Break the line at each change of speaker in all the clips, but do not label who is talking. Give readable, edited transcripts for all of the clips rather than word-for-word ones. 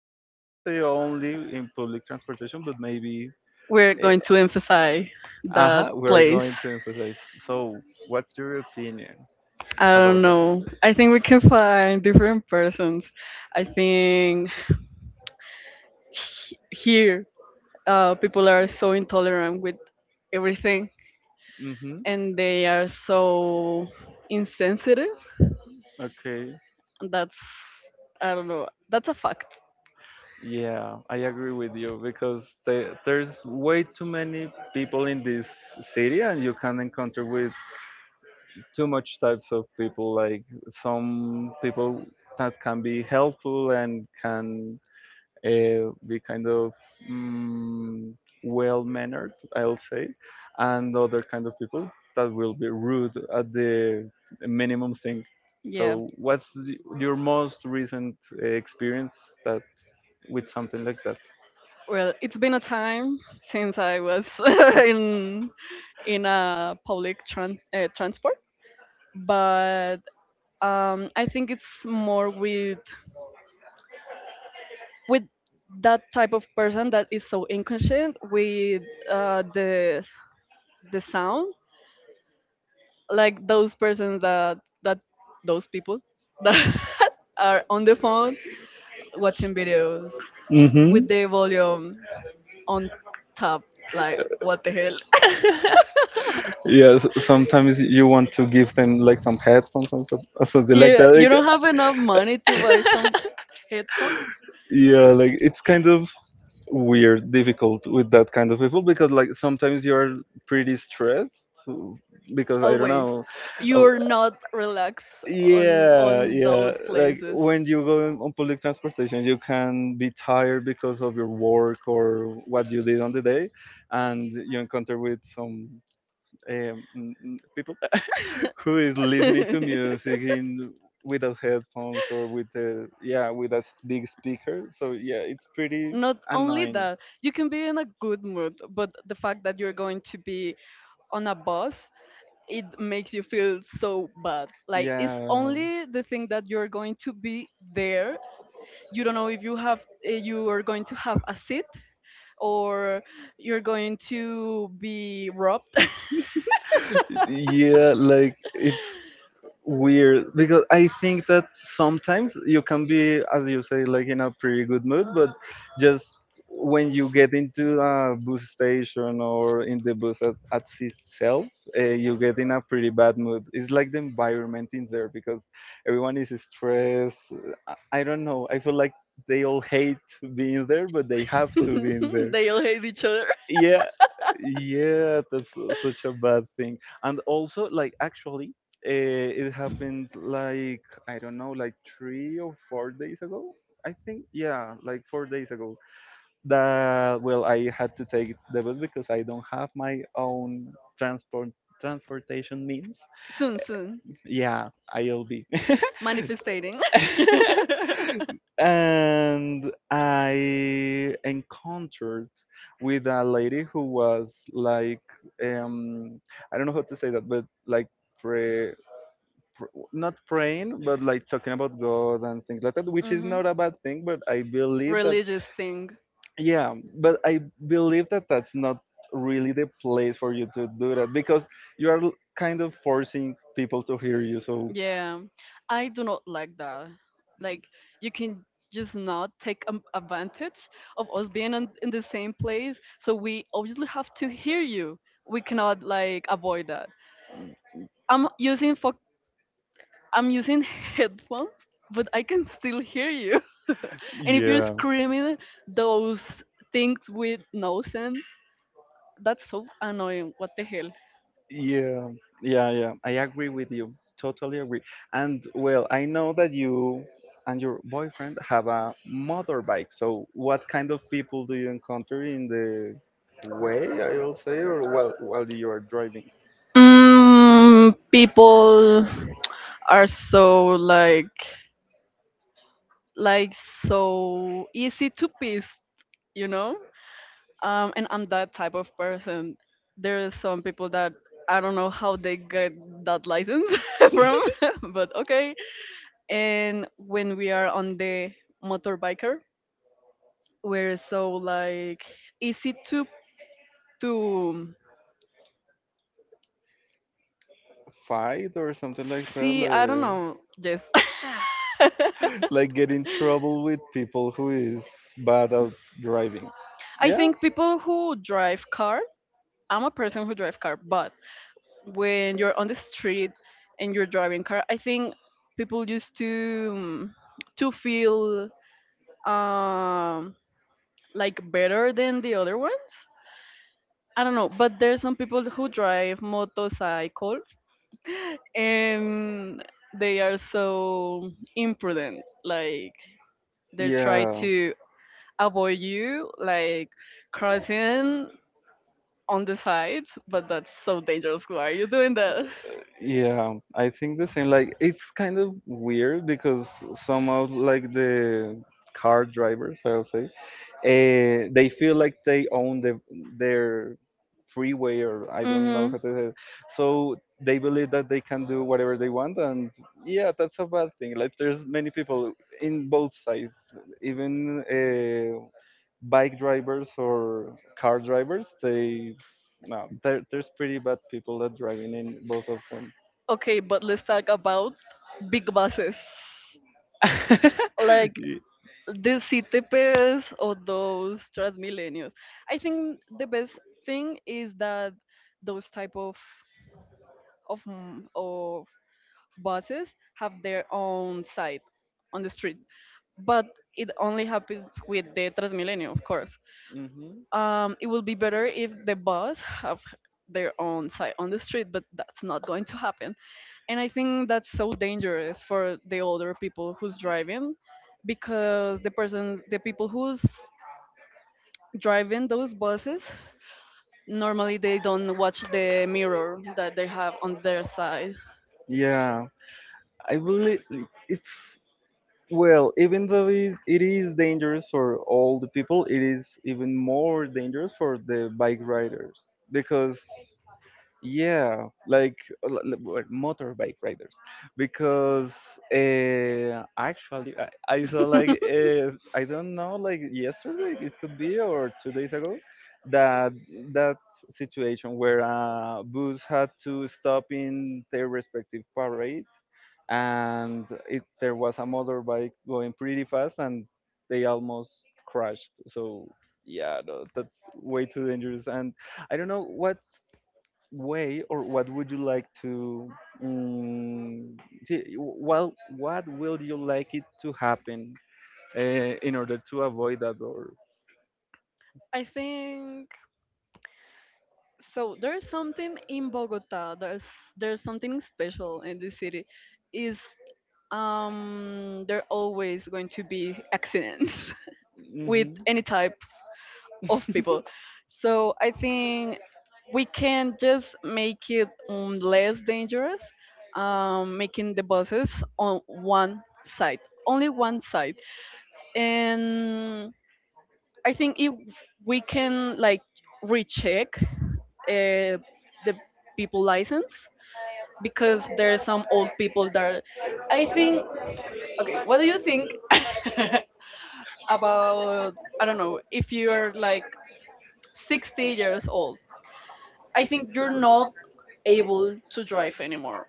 or I wouldn't say only in public transportation, but maybe.
We're
Uh,
going to emphasize that
uh-huh, we are
place.
going to emphasize. So, what's your opinion
I don't
about them?
know. I think we can find different persons. I think here, people are so intolerant with everything,
Mm-hmm.
and they are so insensitive.
Okay.
That's, I don't know, that's a fact.
Yeah, I agree with you because there's way too many people in this city, and you can encounter with too much types of people. Like some people that can be helpful and can be kind of mm, well-mannered, I'll say, and other kind of people that will be rude at the minimum thing.
Yeah.
So, what's your most recent experience that with something like that?
Well, it's been a time since I was in in a public transport. But I think it's more with that type of person that is so inconscient with uh, the the sound, like those persons that those people that are on the phone watching videos with
Mm-hmm.
the volume on top. Like, what the hell?
Yeah, sometimes you want to give them like some headphones or something like
Yeah,
that.
you
Like,
don't have enough money to buy some headphones.
yeah, like it's kind of weird, difficult with that kind of people because like sometimes you're pretty stressed because I don't
Always
know.
you're
Oh,
not relaxed on
yeah,
on those
yeah. Like
places.
when you go on public transportation, you can be tired because of your work or what you did on the day, and you encounter with some people who is listening to music in without headphones or with a yeah with a big speaker. So yeah, it's pretty
Not only
annoying.
that you can be in a good mood, but the fact that you're going to be on a bus, it makes you feel so bad. Like, it's
Yeah,
only the thing that you're going to be there. You don't know if you have, you are going to have a seat, or you're going to be robbed.
yeah, like it's weird because I think that sometimes you can be, as you say, like in a pretty good mood, but just when you get into a bus station or in the bus at itself, you get in a pretty bad mood. It's like the environment in there because everyone is stressed. I I don't know. I feel like
They
they all hate being there, but they have to be in there.
all hate each other.
Yeah, yeah, that's such a bad thing. And also like actually it happened like I don't know like 3 or 4 days ago. I think, yeah, like 4 days ago that well I had to take the bus because I don't have my own transport transportation means.
Soon
Yeah, ilb.
manifestating.
And I encountered with a lady who was like, um, I don't know how to say that, but like pray, not praying, but like talking about God and things like that, which is
Mhm.
not a bad thing. But I believe that,
Religious thing.
yeah, but I believe that that's not really the place for you to do that because you are kind of forcing people to hear you. So
Yeah, I do not like that. Like, you can just not take advantage of us being in the same place. So we obviously have to hear you. We cannot like avoid that. I'm using for I'm using headphones, but I can still hear you. And if you're
yeah.
screaming those things with no sense, that's so annoying. What the hell?
Yeah, yeah, yeah. I agree with you. Totally agree. And well, I know that you and your boyfriend have a motorbike. So, what kind of people do you encounter in the way, I will say, or while you are driving?
People are so like so easy to piss, you know? And I'm that type of person. There are some people that I don't know how they get that license from, but okay. And when we are on the motorbiker, we're so like easy to
Fight or something like that?
see. I don't
Like,
know. Yes.
like get in trouble with people who is bad at driving.
I
Yeah.
think people who drive car. I'm a person who drive car. But when you're on the street and you're driving car, I think people used um, to feel um like better than the other ones. I don't know, but there are some people who drive motorcycles, and they are so imprudent. Like, they try
Yeah.
to avoid you, like crossing on the sides. But that's so dangerous. Why are you doing that?
Yeah, I think the same. Like it's kind of weird because some of like the car drivers, I'll say, they feel like they own their freeway or I don't
Mm-hmm.
know how to say it. So they believe that they can do whatever they want, and yeah, that's a bad thing. Like there's many people in both sides, even bike drivers or car drivers. They no, there's pretty bad people that driving in both of them.
Okay, but let's talk about big buses. Like
Mm-hmm.
the CTPs or those Transmilenios. I think the best thing is that those type of buses have their own site on the street. But it only happens with the Transmilenio, of course. It would be better if the bus have their own side on the street, but that's not going to happen. And I think that's so dangerous for the older people who's driving, because the people who's driving those buses, normally they don't watch the mirror that they have on their side.
Yeah, I believe it's well, even though it is dangerous for all the people, it is even more dangerous for the bike riders because yeah, like motorbike riders, because actually I saw like I don't know like yesterday it could be or 2 days ago that that situation where bus had to stop in their respective parade and it there was a motorbike going pretty fast and they almost crashed. So yeah, no, that's way too dangerous and. I don't know what way or what would you like to um, see, well what will you like it to happen in order to avoid that or
I think. So there's something in Bogota. There's something special in this city. Is there always going to be accidents with
Mhm.
any type of people? So I think we can just make it less dangerous, making the buses on one side, only one side. And I think if we can like recheck uh, the people license, because there's some old people that I think, okay, what do you think, about, I don't know, if you're like 60 years old, I think you're not able to drive anymore.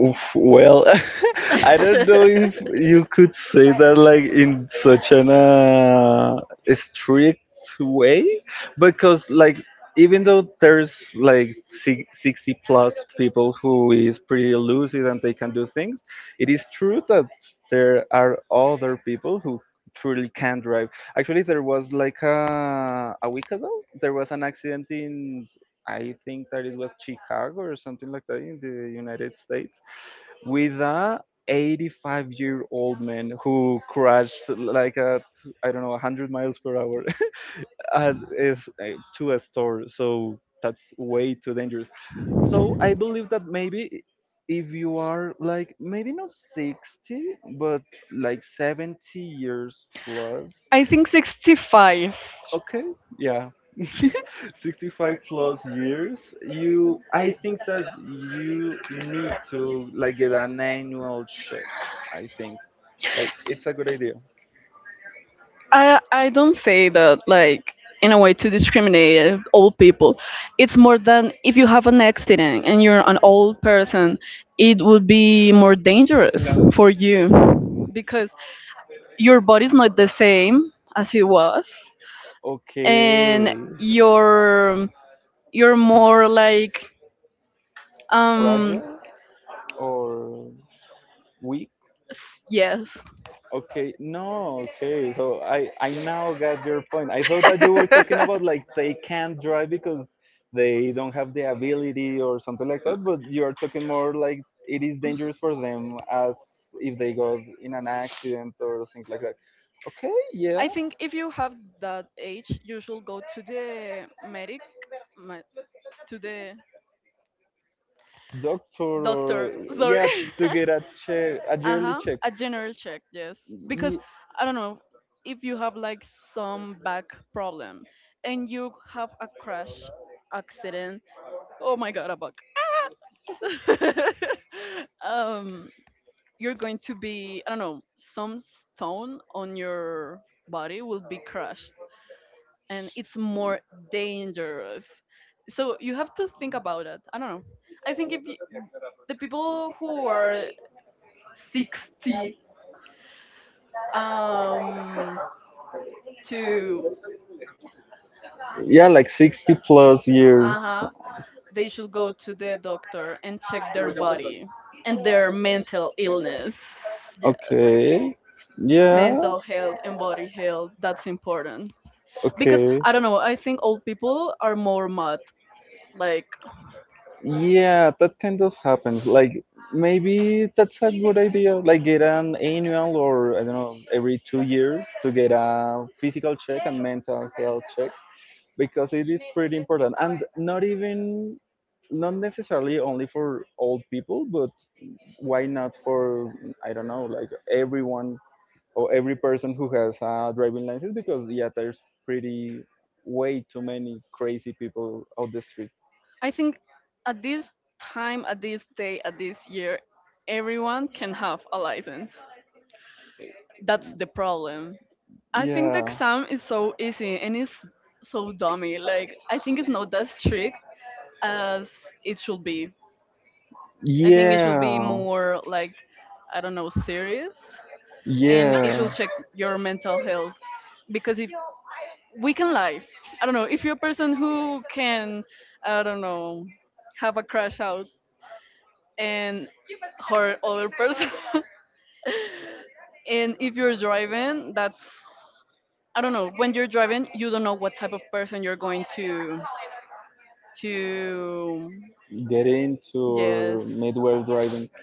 Oof, well,
I
I don't know if you could say that like in such an strict way, because like even though there's like 60 plus people who is pretty lucid and they can do things, it is true that there are other people who truly can drive. Actually, there was like a week ago, there was an accident in I think that it was Chicago or something like that in the United States, with a 85-year-old man who crashed like at I don't know 100 miles per hour at, is, uh, to a store. So that's way too dangerous. So I believe that maybe if you are like maybe not 60 but like 70 years plus,
think 65.
okay, yeah. 65 plus years you I think that you need to like get an annual check. I think like it's a good idea.
I don't say that like in a way to discriminate old people. It's more than if you have an accident and you're an old person, it would be more dangerous for you, because your body's not the same as it was, and
Okay.
you're you're more like um
Fragile or weak?
s- yes.
Okay. No, okay. So I now got your point. I thought that you were talking about like they can't drive because they don't have the ability or something like that, but you are talking more like it is dangerous for them as if they got in an accident or things like that. Okay,
I
yeah.
think if you have that age, you should go to the medic, me- to the
Doctor
doctor.
or
Sorry,
yeah, to get a check, a yearly
uh-huh,
check.
a general check, yes. Because
Ye-
I don't know if you have like some back problem and you have a crash accident. Oh my god, a bug. um, you're going to be, I don't know, some stone on your body will be crushed, and it's more dangerous. So you have to think about it. I don't know. I think if you, the people who are 60 um to,
Yeah, like 60 plus years.
uh-huh, they should go to the doctor and check their body and their mental illness. Yes.
Okay. Yeah.
Mental health and body health, that's important. Because
Okay.
I don't know, I think old people are more mad. Like,
Yeah, that kind of happens. Like maybe that's a good idea. Like get an annual or I don't know, every 2 years to get a physical check and mental health check because it is pretty important. And not even not necessarily only for old people, but why not for I don't know, like everyone or every person who has a driving license because yeah, there's pretty way too many crazy people out the street.
I think at this time, at this day, at this year, everyone can have a license. That's the problem. I think the
Yeah.
exam is so easy, and it's so dummy. Like, I think it's not that strict as it should be. I think it should
Yeah,
be more like, I don't know, serious, and it should
yeah.
check your mental health. Because if we can lie, I don't know, if you're a person who can, I don't know, have a crash out and hurt other person, and if you're driving, that's, I don't know, when you're driving, you don't know what type of person you're going to
Get into
yes.
midway driving.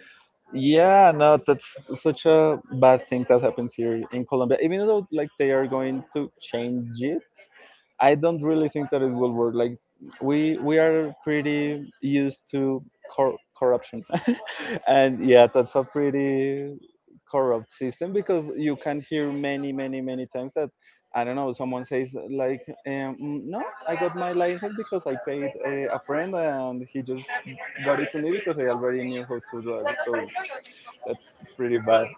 Yeah, no, that's such a bad thing that happens here in Colombia. Even though like they are going to change it, I don't really think that it will work. Like we are pretty used to corruption, and yeah, that's a pretty corrupt system because you can hear many many many times that I don't know someone says like "Mm, no I got my license because I paid a friend and he just got it to me because I already knew how to drive. So that's pretty bad.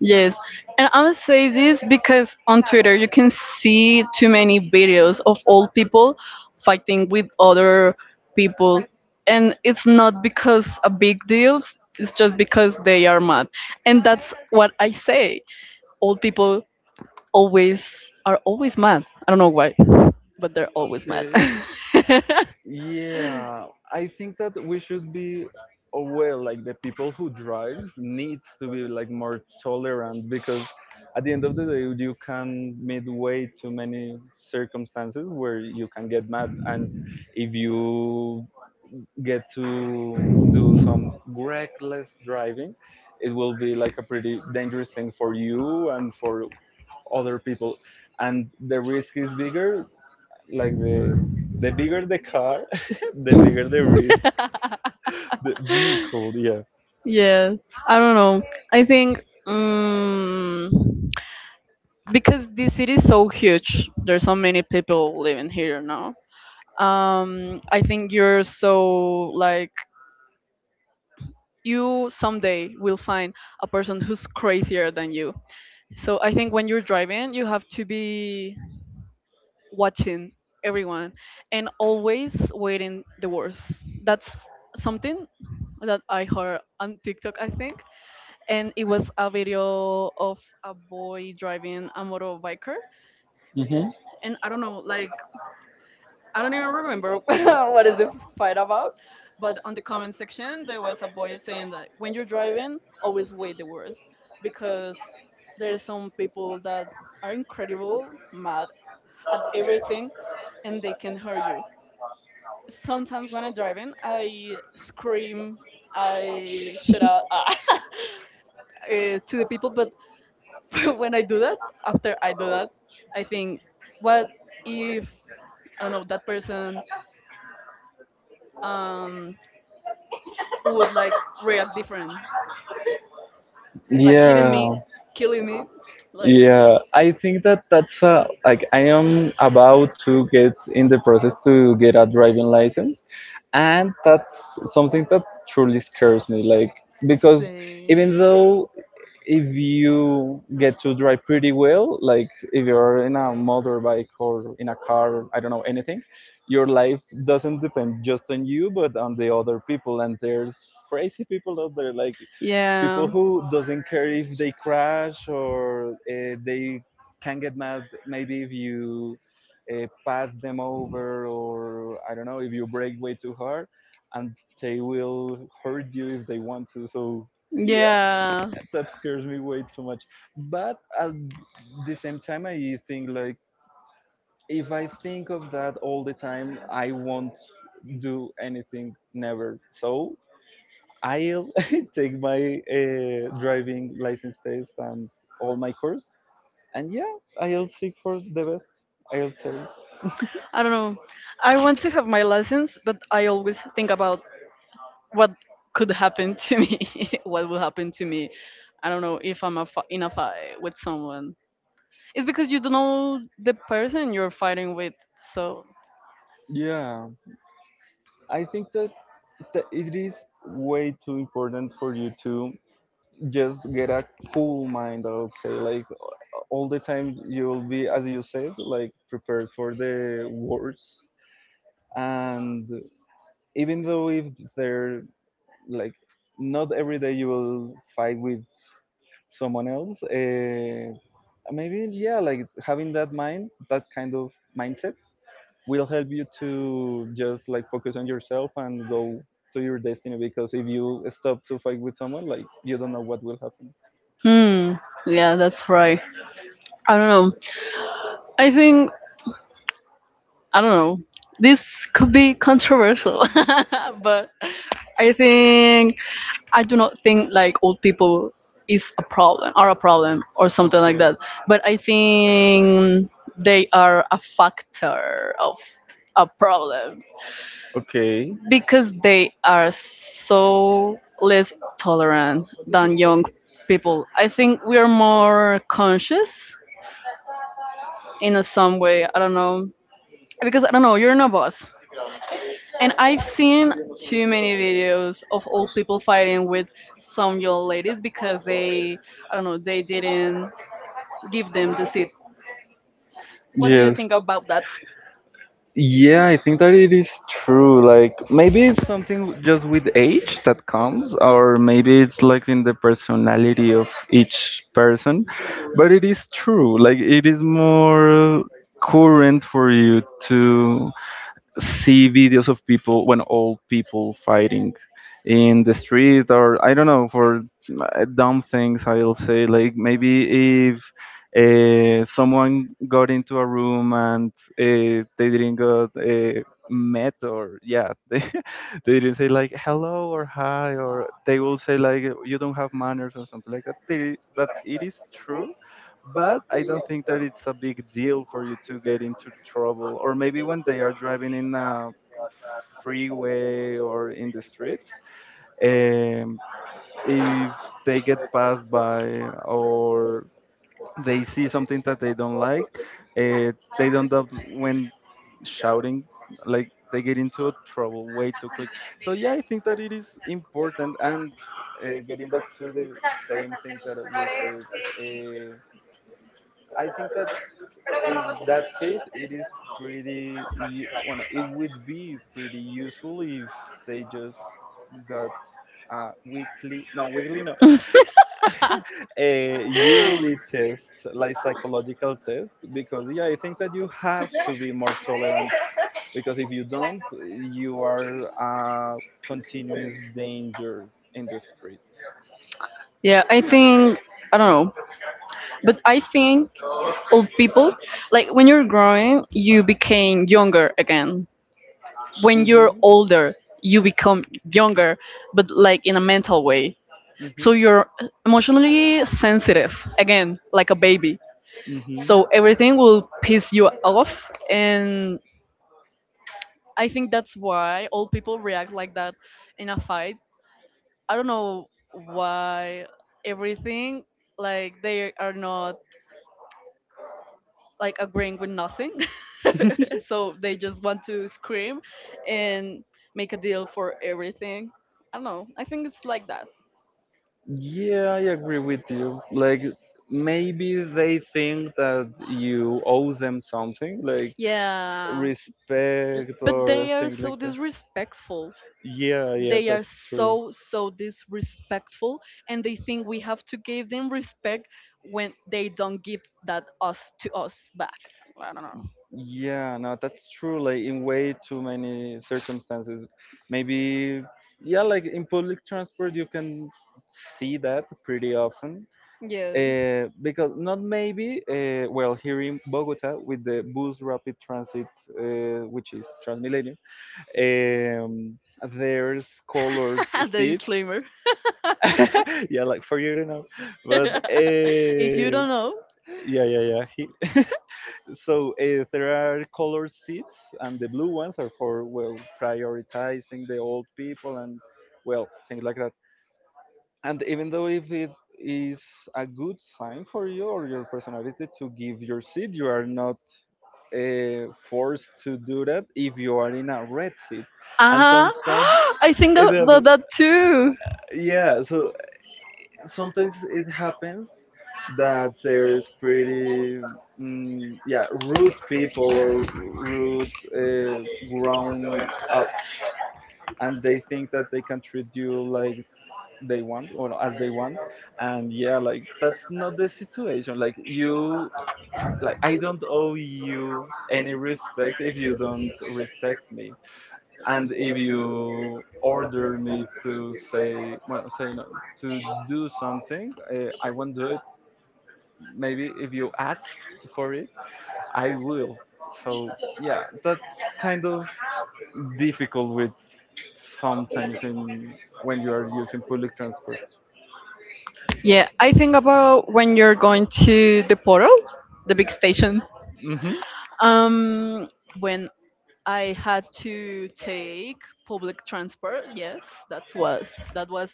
Yes. And I'm gonna say this because on Twitter you can see too many videos of old people fighting with other people. And it's not because a big deal, it's just because they are mad. And that's what I say, old people always are always mad. I don't know why, but they're always mad.
Yeah, I think that we should be aware, like the people who drives needs to be like more tolerant because at the end of the day, you can meet way too many circumstances where you can get mad, and if you get to do some reckless driving, it will be like a pretty dangerous thing for you and for other people, and the risk is bigger like the bigger the car, the bigger the risk. The vehicle, yeah.
Yes. I don't know. I think, um, because this city is so huge, there's so many people living here now. I think you're so like you someday will find a person who's crazier than you. So I think when you're driving, you have to be watching everyone and always waiting the worst. That's something that I heard on TikTok, I think. And it was a video of a boy driving a motorbiker.
Hmm.
And I don't know, like, I don't even remember what is the fight about. But on the comment section there was a boy saying that when you're driving, always wait the worst, because there are some people that are incredible mad at everything and they can hurt you. Sometimes when I'm driving, I scream, I shout out to the people. But when I do that, after I do that, I think, what if, I don't know, that person um would like react different, like hitting me,
Yeah.
killing me, like,
Yeah, I think that that's a, like I am about to get in the process to get a driving license, and that's something that truly scares me. Like because
say,
even though if you get to drive pretty well, like if you're in a motorbike or in a car, I don't know anything, your life doesn't depend just on you but on the other people. And there's crazy people out there, like
yeah,
people who doesn't care if they crash or they can get mad maybe if you pass them over or I don't know if you brake way too hard, and they will hurt you if they want to. So yeah.
yeah.
That scares me way too much. But at the same time, I think like if I think of that all the time, I won't do anything never. So I'll take my driving license test and all my course, and yeah, I'll seek for the best. I'll say.
I don't know. I want to have my lessons, but I always think about what could happen to me, what will happen to me. I don't know if I'm a in a fight with someone. It's because you don't know the person you're fighting with. So,
Yeah, I think that, that it is way too important for you to just get a cool mind I would say like all the time you'll be as you said like prepared for the worst and even though if they're like not every day you will fight with someone else maybe yeah like having that mind that kind of mindset will help you to just like focus on yourself and go to your destiny because if you stop to fight with someone like you don't know what will happen.
hmm, yeah, that's right. I don't know. I think, I don't know, this could be controversial, but I think, I do not think like old people is a problem are a problem or something like
Okay.
that. But I think they are a factor of a problem,
Okay.
because they are so less tolerant than young people. I think we are more conscious in a some way. I don't know, because I don't know. You're in a bus. And I've seen too many videos of old people fighting with some young ladies because they, I don't know, they didn't give them the seat. What do you
Yes.
think about that?
Yeah, I think that it is true. Like maybe it's something just with age that comes, or maybe it's like in the personality of each person. But it is true. Like it is more current for you to see videos of people when old people fighting in the street or I don't know for dumb things I'll say. Like maybe if someone got into a room and they didn't got met or yeah they didn't say like hello or hi, or they will say like you don't have manners or something like that, that it is true. But I don't think that it's a big deal for you to get into trouble. Or maybe when they are driving in a freeway or in the streets, um, if they get passed by or they see something that they don't like, uh, they don't up when shouting, like they get into trouble way too quick. So yeah, I think that it is important. And getting back to the same thing that we said. Uh, I think that in that case, it is pretty. Well, no, it would be pretty useful if they just got a weekly, no, a yearly test, like psychological test, because yeah, I think that you have to be more tolerant. Because if you don't, you are a continuous danger in the street.
Yeah, I think, I don't know, but I think old people, like, when you're growing, you became younger again. When you're
Mhm.
older, you become younger, but like in a mental way. So
Mhm.
you're emotionally sensitive, again, like a baby.
Mm-hmm.
So everything will piss you off. And I think that's why all people react like that in a fight. I don't know why everything, like, they are not like agreeing with nothing. So they just want to scream and make a deal for everything. I don't know. I think it's like that.
Yeah, I agree with you. Like maybe they think that you owe them something, like
Yeah.
respect
But
or
they are
things like
so
that.
disrespectful.
Yeah, yeah,
They are
that's true.
so disrespectful, and they think we have to give them respect when they don't give that us to us back. I don't know.
Yeah, no, that's true. Like in way too many circumstances, maybe yeah, like in public transport you can see that pretty often. Because not maybe well, here in Bogota with the bus rapid transit, which is Transmilenio, um, there's colored
The
seats.
disclaimer.
Yeah, like for you to know, but
If you don't know.
yeah, yeah, yeah. So there are colored seats, and the blue ones are for well prioritizing the old people and well things like that. And even though if it is a good sign for you or your personality to give your seat, you are not forced to do that if you are in a red seat. And
Uh-huh.
sometimes
I think
it
of
happens.
that too.
Yeah. So sometimes it happens that there's pretty yeah, rude people or rude grown ups, and they think that they can treat you like they want or as they want. And yeah, like that's not the situation. Like you, like I don't owe you any respect if you don't respect me. And if you order me to say, well, say no to do something, I won't do it. Maybe if you ask for it, I will. So yeah, that's kind of difficult with, sometimes in, when you are using public transport.
Yeah, I think about when you're going to the portal, the big station.
Hmm.
Um, when I had to take public transport, yes, that was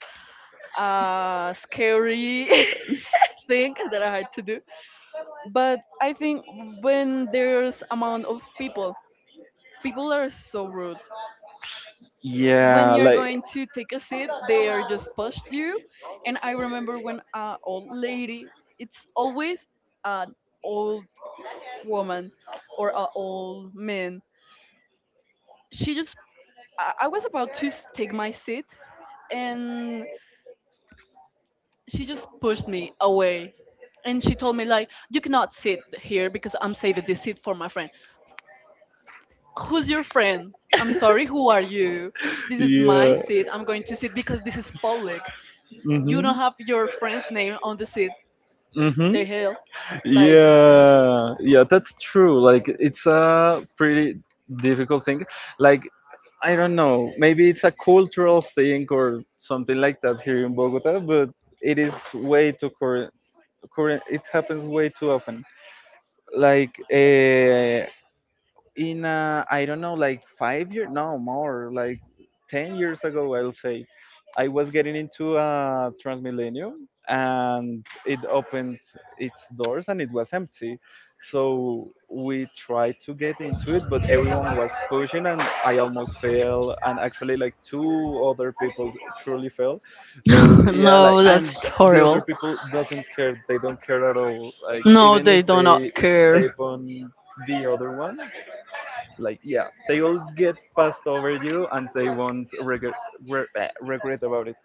a scary thing that I had to do. But I think when there's amount of people, people are so rude. When
Yeah,
you're
like
going to take a seat, they are just pushed you. And I remember when a old lady, it's always an old woman or a old man. She just, I was about to take my seat, and she just pushed me away. And she told me, like, you cannot sit here because I'm saving this seat for my friend. Who's your friend? I'm sorry, who are you? This is my
yeah.
seat. I'm going to sit because this is public. You don't
Hmm.
have your friend's name on the seat.
Mm-hmm.
The hell? Like,
Yeah, yeah, that's true. Like, it's a pretty difficult thing. Like, I don't know, maybe it's a cultural thing or something like that here in Bogota, but it is way too current. Current, it happens way too often. Like, in I don't know, like 5 years, no more, like 10 years ago, I'll say, I was getting into Transmillennium, and it opened its doors, and it was empty. So we tried to get into it, but everyone was pushing, and I almost fell, and actually, like two other people truly fell. So yeah, like,
no,
and
that's
the other
horrible.
people doesn't care; they don't care at all. Like
No,
even
they
if
do not
they
care.
step on the other ones, like yeah, they will get passed over you and they won't regret regret about it.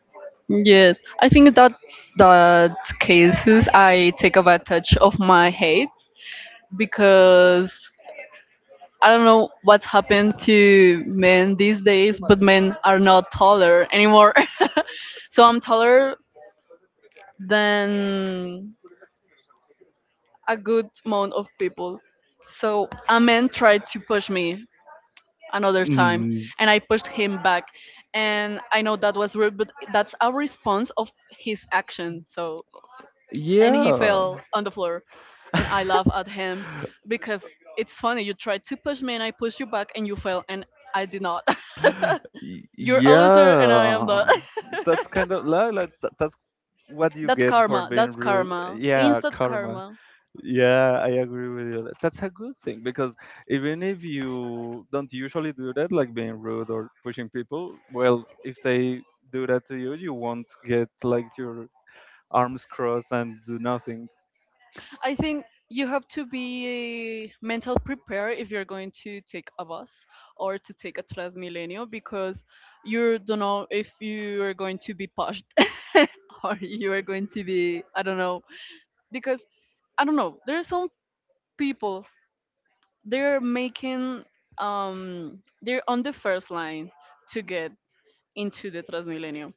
Yes, I think that that cases I take advantage of my hate because I don't know what's happened to men these days, but men are not taller anymore. So I'm taller than a good amount of people. So a man tried to push me another time,
Mm.
and I pushed him back, and I know that was rude, but that's a response of his action. So and he
Yeah.
fell on the floor, and I laugh at him because it's funny. You tried to push me and I pushed you back and you fell, and I did not. You're a loser and I am not.
Yeah, that's kind of like that, that's what you
That's
get for
karma,
being
that's
rude.
karma,
Yeah,
instant
karma.
karma.
Yeah, I agree with you. That's a good thing. Because even if you don't usually do that, like being rude or pushing people, well, if they do that to you, you won't get like your arms crossed and do nothing.
I think you have to be mental prepared if you're going to take a bus or to take a Transmilenio, because you don't know if you are going to be pushed or you are going to be, I don't know, because I don't know, there are some people, they're making they're on the first line to get into the Transmilenio,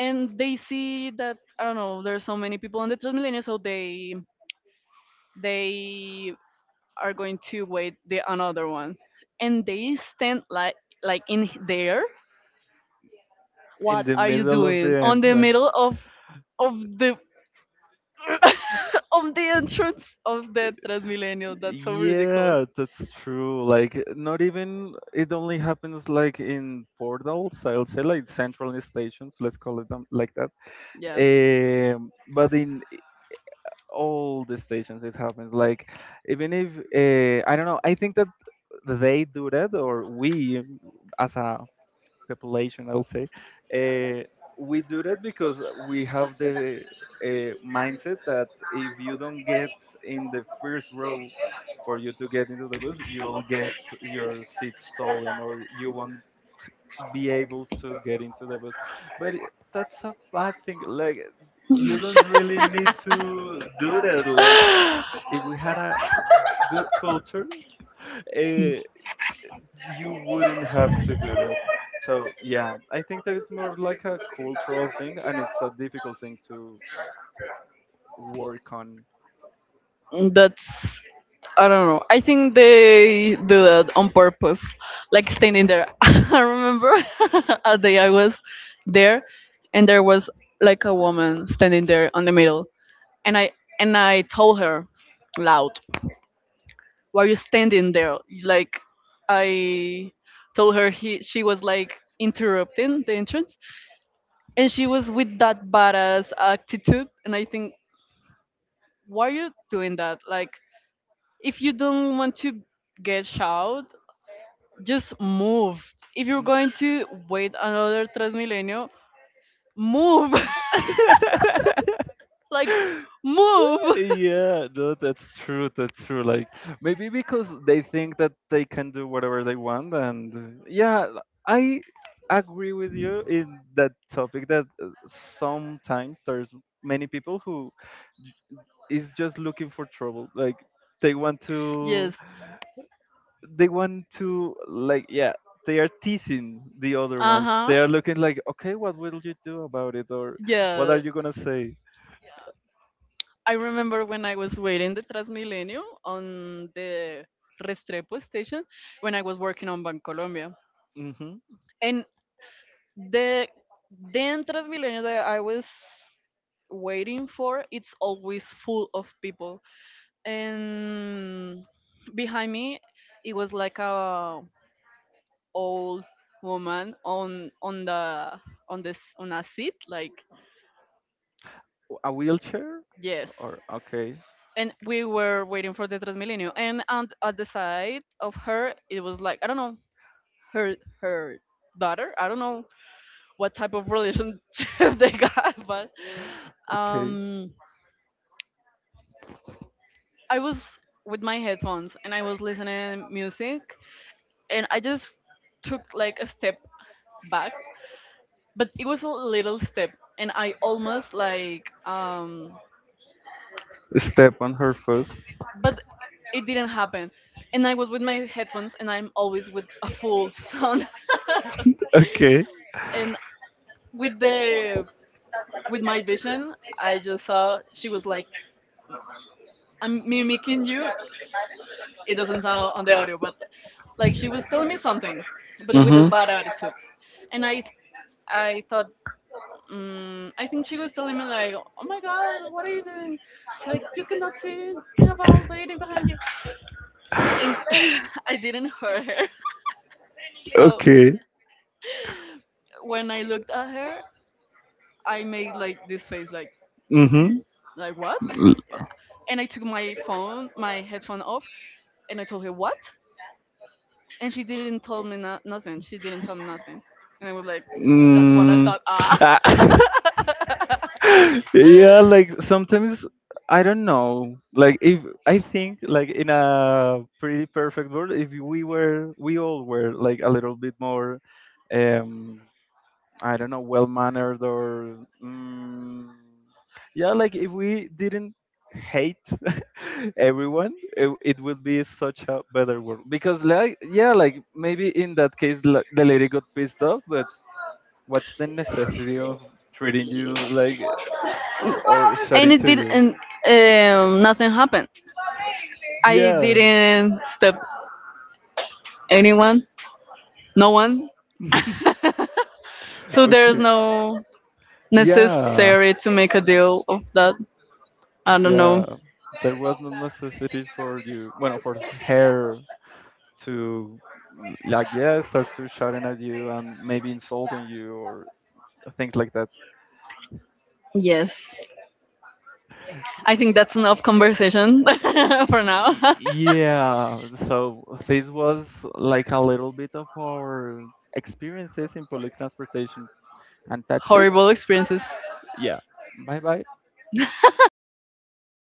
and they see that, I don't know, there are so many people on the Transmilenio, so they are going to wait the another one, and they stand like in there.
In
What
the
are you
middle of the
doing on the
entrance.
middle of of the of the entrance of the TransMilenio? That's so ridiculous.
Yeah, that's true. Like, not even, it only happens like in portals, I'll say, like central stations, let's call it them like that.
Yeah,
But in all the stations, it happens. Like, even if, I don't know, I think that they do that, or we, as a population, I'll say. Uh, we do that because we have the mindset that if you don't get in the first row for you to get into the bus, you'll get your seat stolen or you won't be able to get into the bus. But it- that's a bad thing. Like, you don't really need to do that. Like, we- if we had a good culture, uh, you wouldn't have to do that. So yeah, I think that it's more like a cultural thing, and it's a difficult thing to work on.
that's I don't know. I think they do that on purpose, like standing there. I remember a day I was there, and there was like a woman standing there on the middle, and I told her loud, "Why are you standing there?" Like I told her he she was like interrupting the entrance, and she was with that badass attitude, and I think, why are you doing that? Like if you don't want to get shot, just move. If you're
Mm.
going to wait another Transmilenio, move. Like, move.
Yeah, no, that's true. That's true. Like maybe because they think that they can do whatever they want, and yeah, I agree with you in that topic that sometimes there's many people who is just looking for trouble. Like they want to,
Yes.
they want to, like yeah, they are teasing the other
Uh
ones.
huh.
They are looking like, okay, what will you do about it, or what are
Yeah.
you gonna say?
I remember when I was waiting the Transmilenio on the Restrepo station when I was working on Bancolombia.
Mm-hmm.
And The then Transmilenio that I was waiting for, it's always full of people. And behind me, it was like a old woman on the on this on a seat, like,
A wheelchair,
yes.
or okay,
And we were waiting for the Transmilenio, and at the side of her, it was like, I don't know, her her daughter. I don't know what type of relationship they got, but
okay,
um I was with my headphones and I was listening music, and I just took like a step back, but it was a little step, and I almost like,
step on her foot.
but it didn't happen. And I was with my headphones and I'm always with a full sound.
Okay.
And with the, with my vision, I just saw she was like, "I'm mimicking you." It doesn't sound on the audio, but like she was telling me something, but with a
Mm-hmm.
bad attitude. And I thought, I think she was telling me like, "Oh my God, what are you doing? Like you cannot see, you have a old lady behind you." And I didn't hurt her. So
Okay.
when I looked at her, I made like this face, like
Mm-hmm.
like what? And I took my phone, my headphone off, and I told her what, and she didn't tell me nothing. She didn't tell me nothing, and I was like, "That's what I
Mm.
thought." Ah.
uh, yeah, like sometimes I don't know. Like if I think like in a pretty perfect world, if we were, we all were like a little bit more, um, I don't know, well mannered or, yeah, like if we didn't hate everyone, it would be such a better world. Because like yeah, like maybe in that case the lady got pissed off, but what's the necessity of treating you like or
And
shouting
it
to you?
didn't, nothing happened. I
Yeah.
didn't step anyone, no one. So there's
Okay.
no
Yeah.
necessary to make a deal of that. I don't know.
Yeah. There was no necessity for you, well, for her to, like, yeah, start to shouting at you and maybe insulting you or things like that.
Yes, I think that's enough conversation for now.
Yeah, so this was like a little bit of our experiences in public transportation, and that's it.
Horrible experiences.
Yeah, bye bye.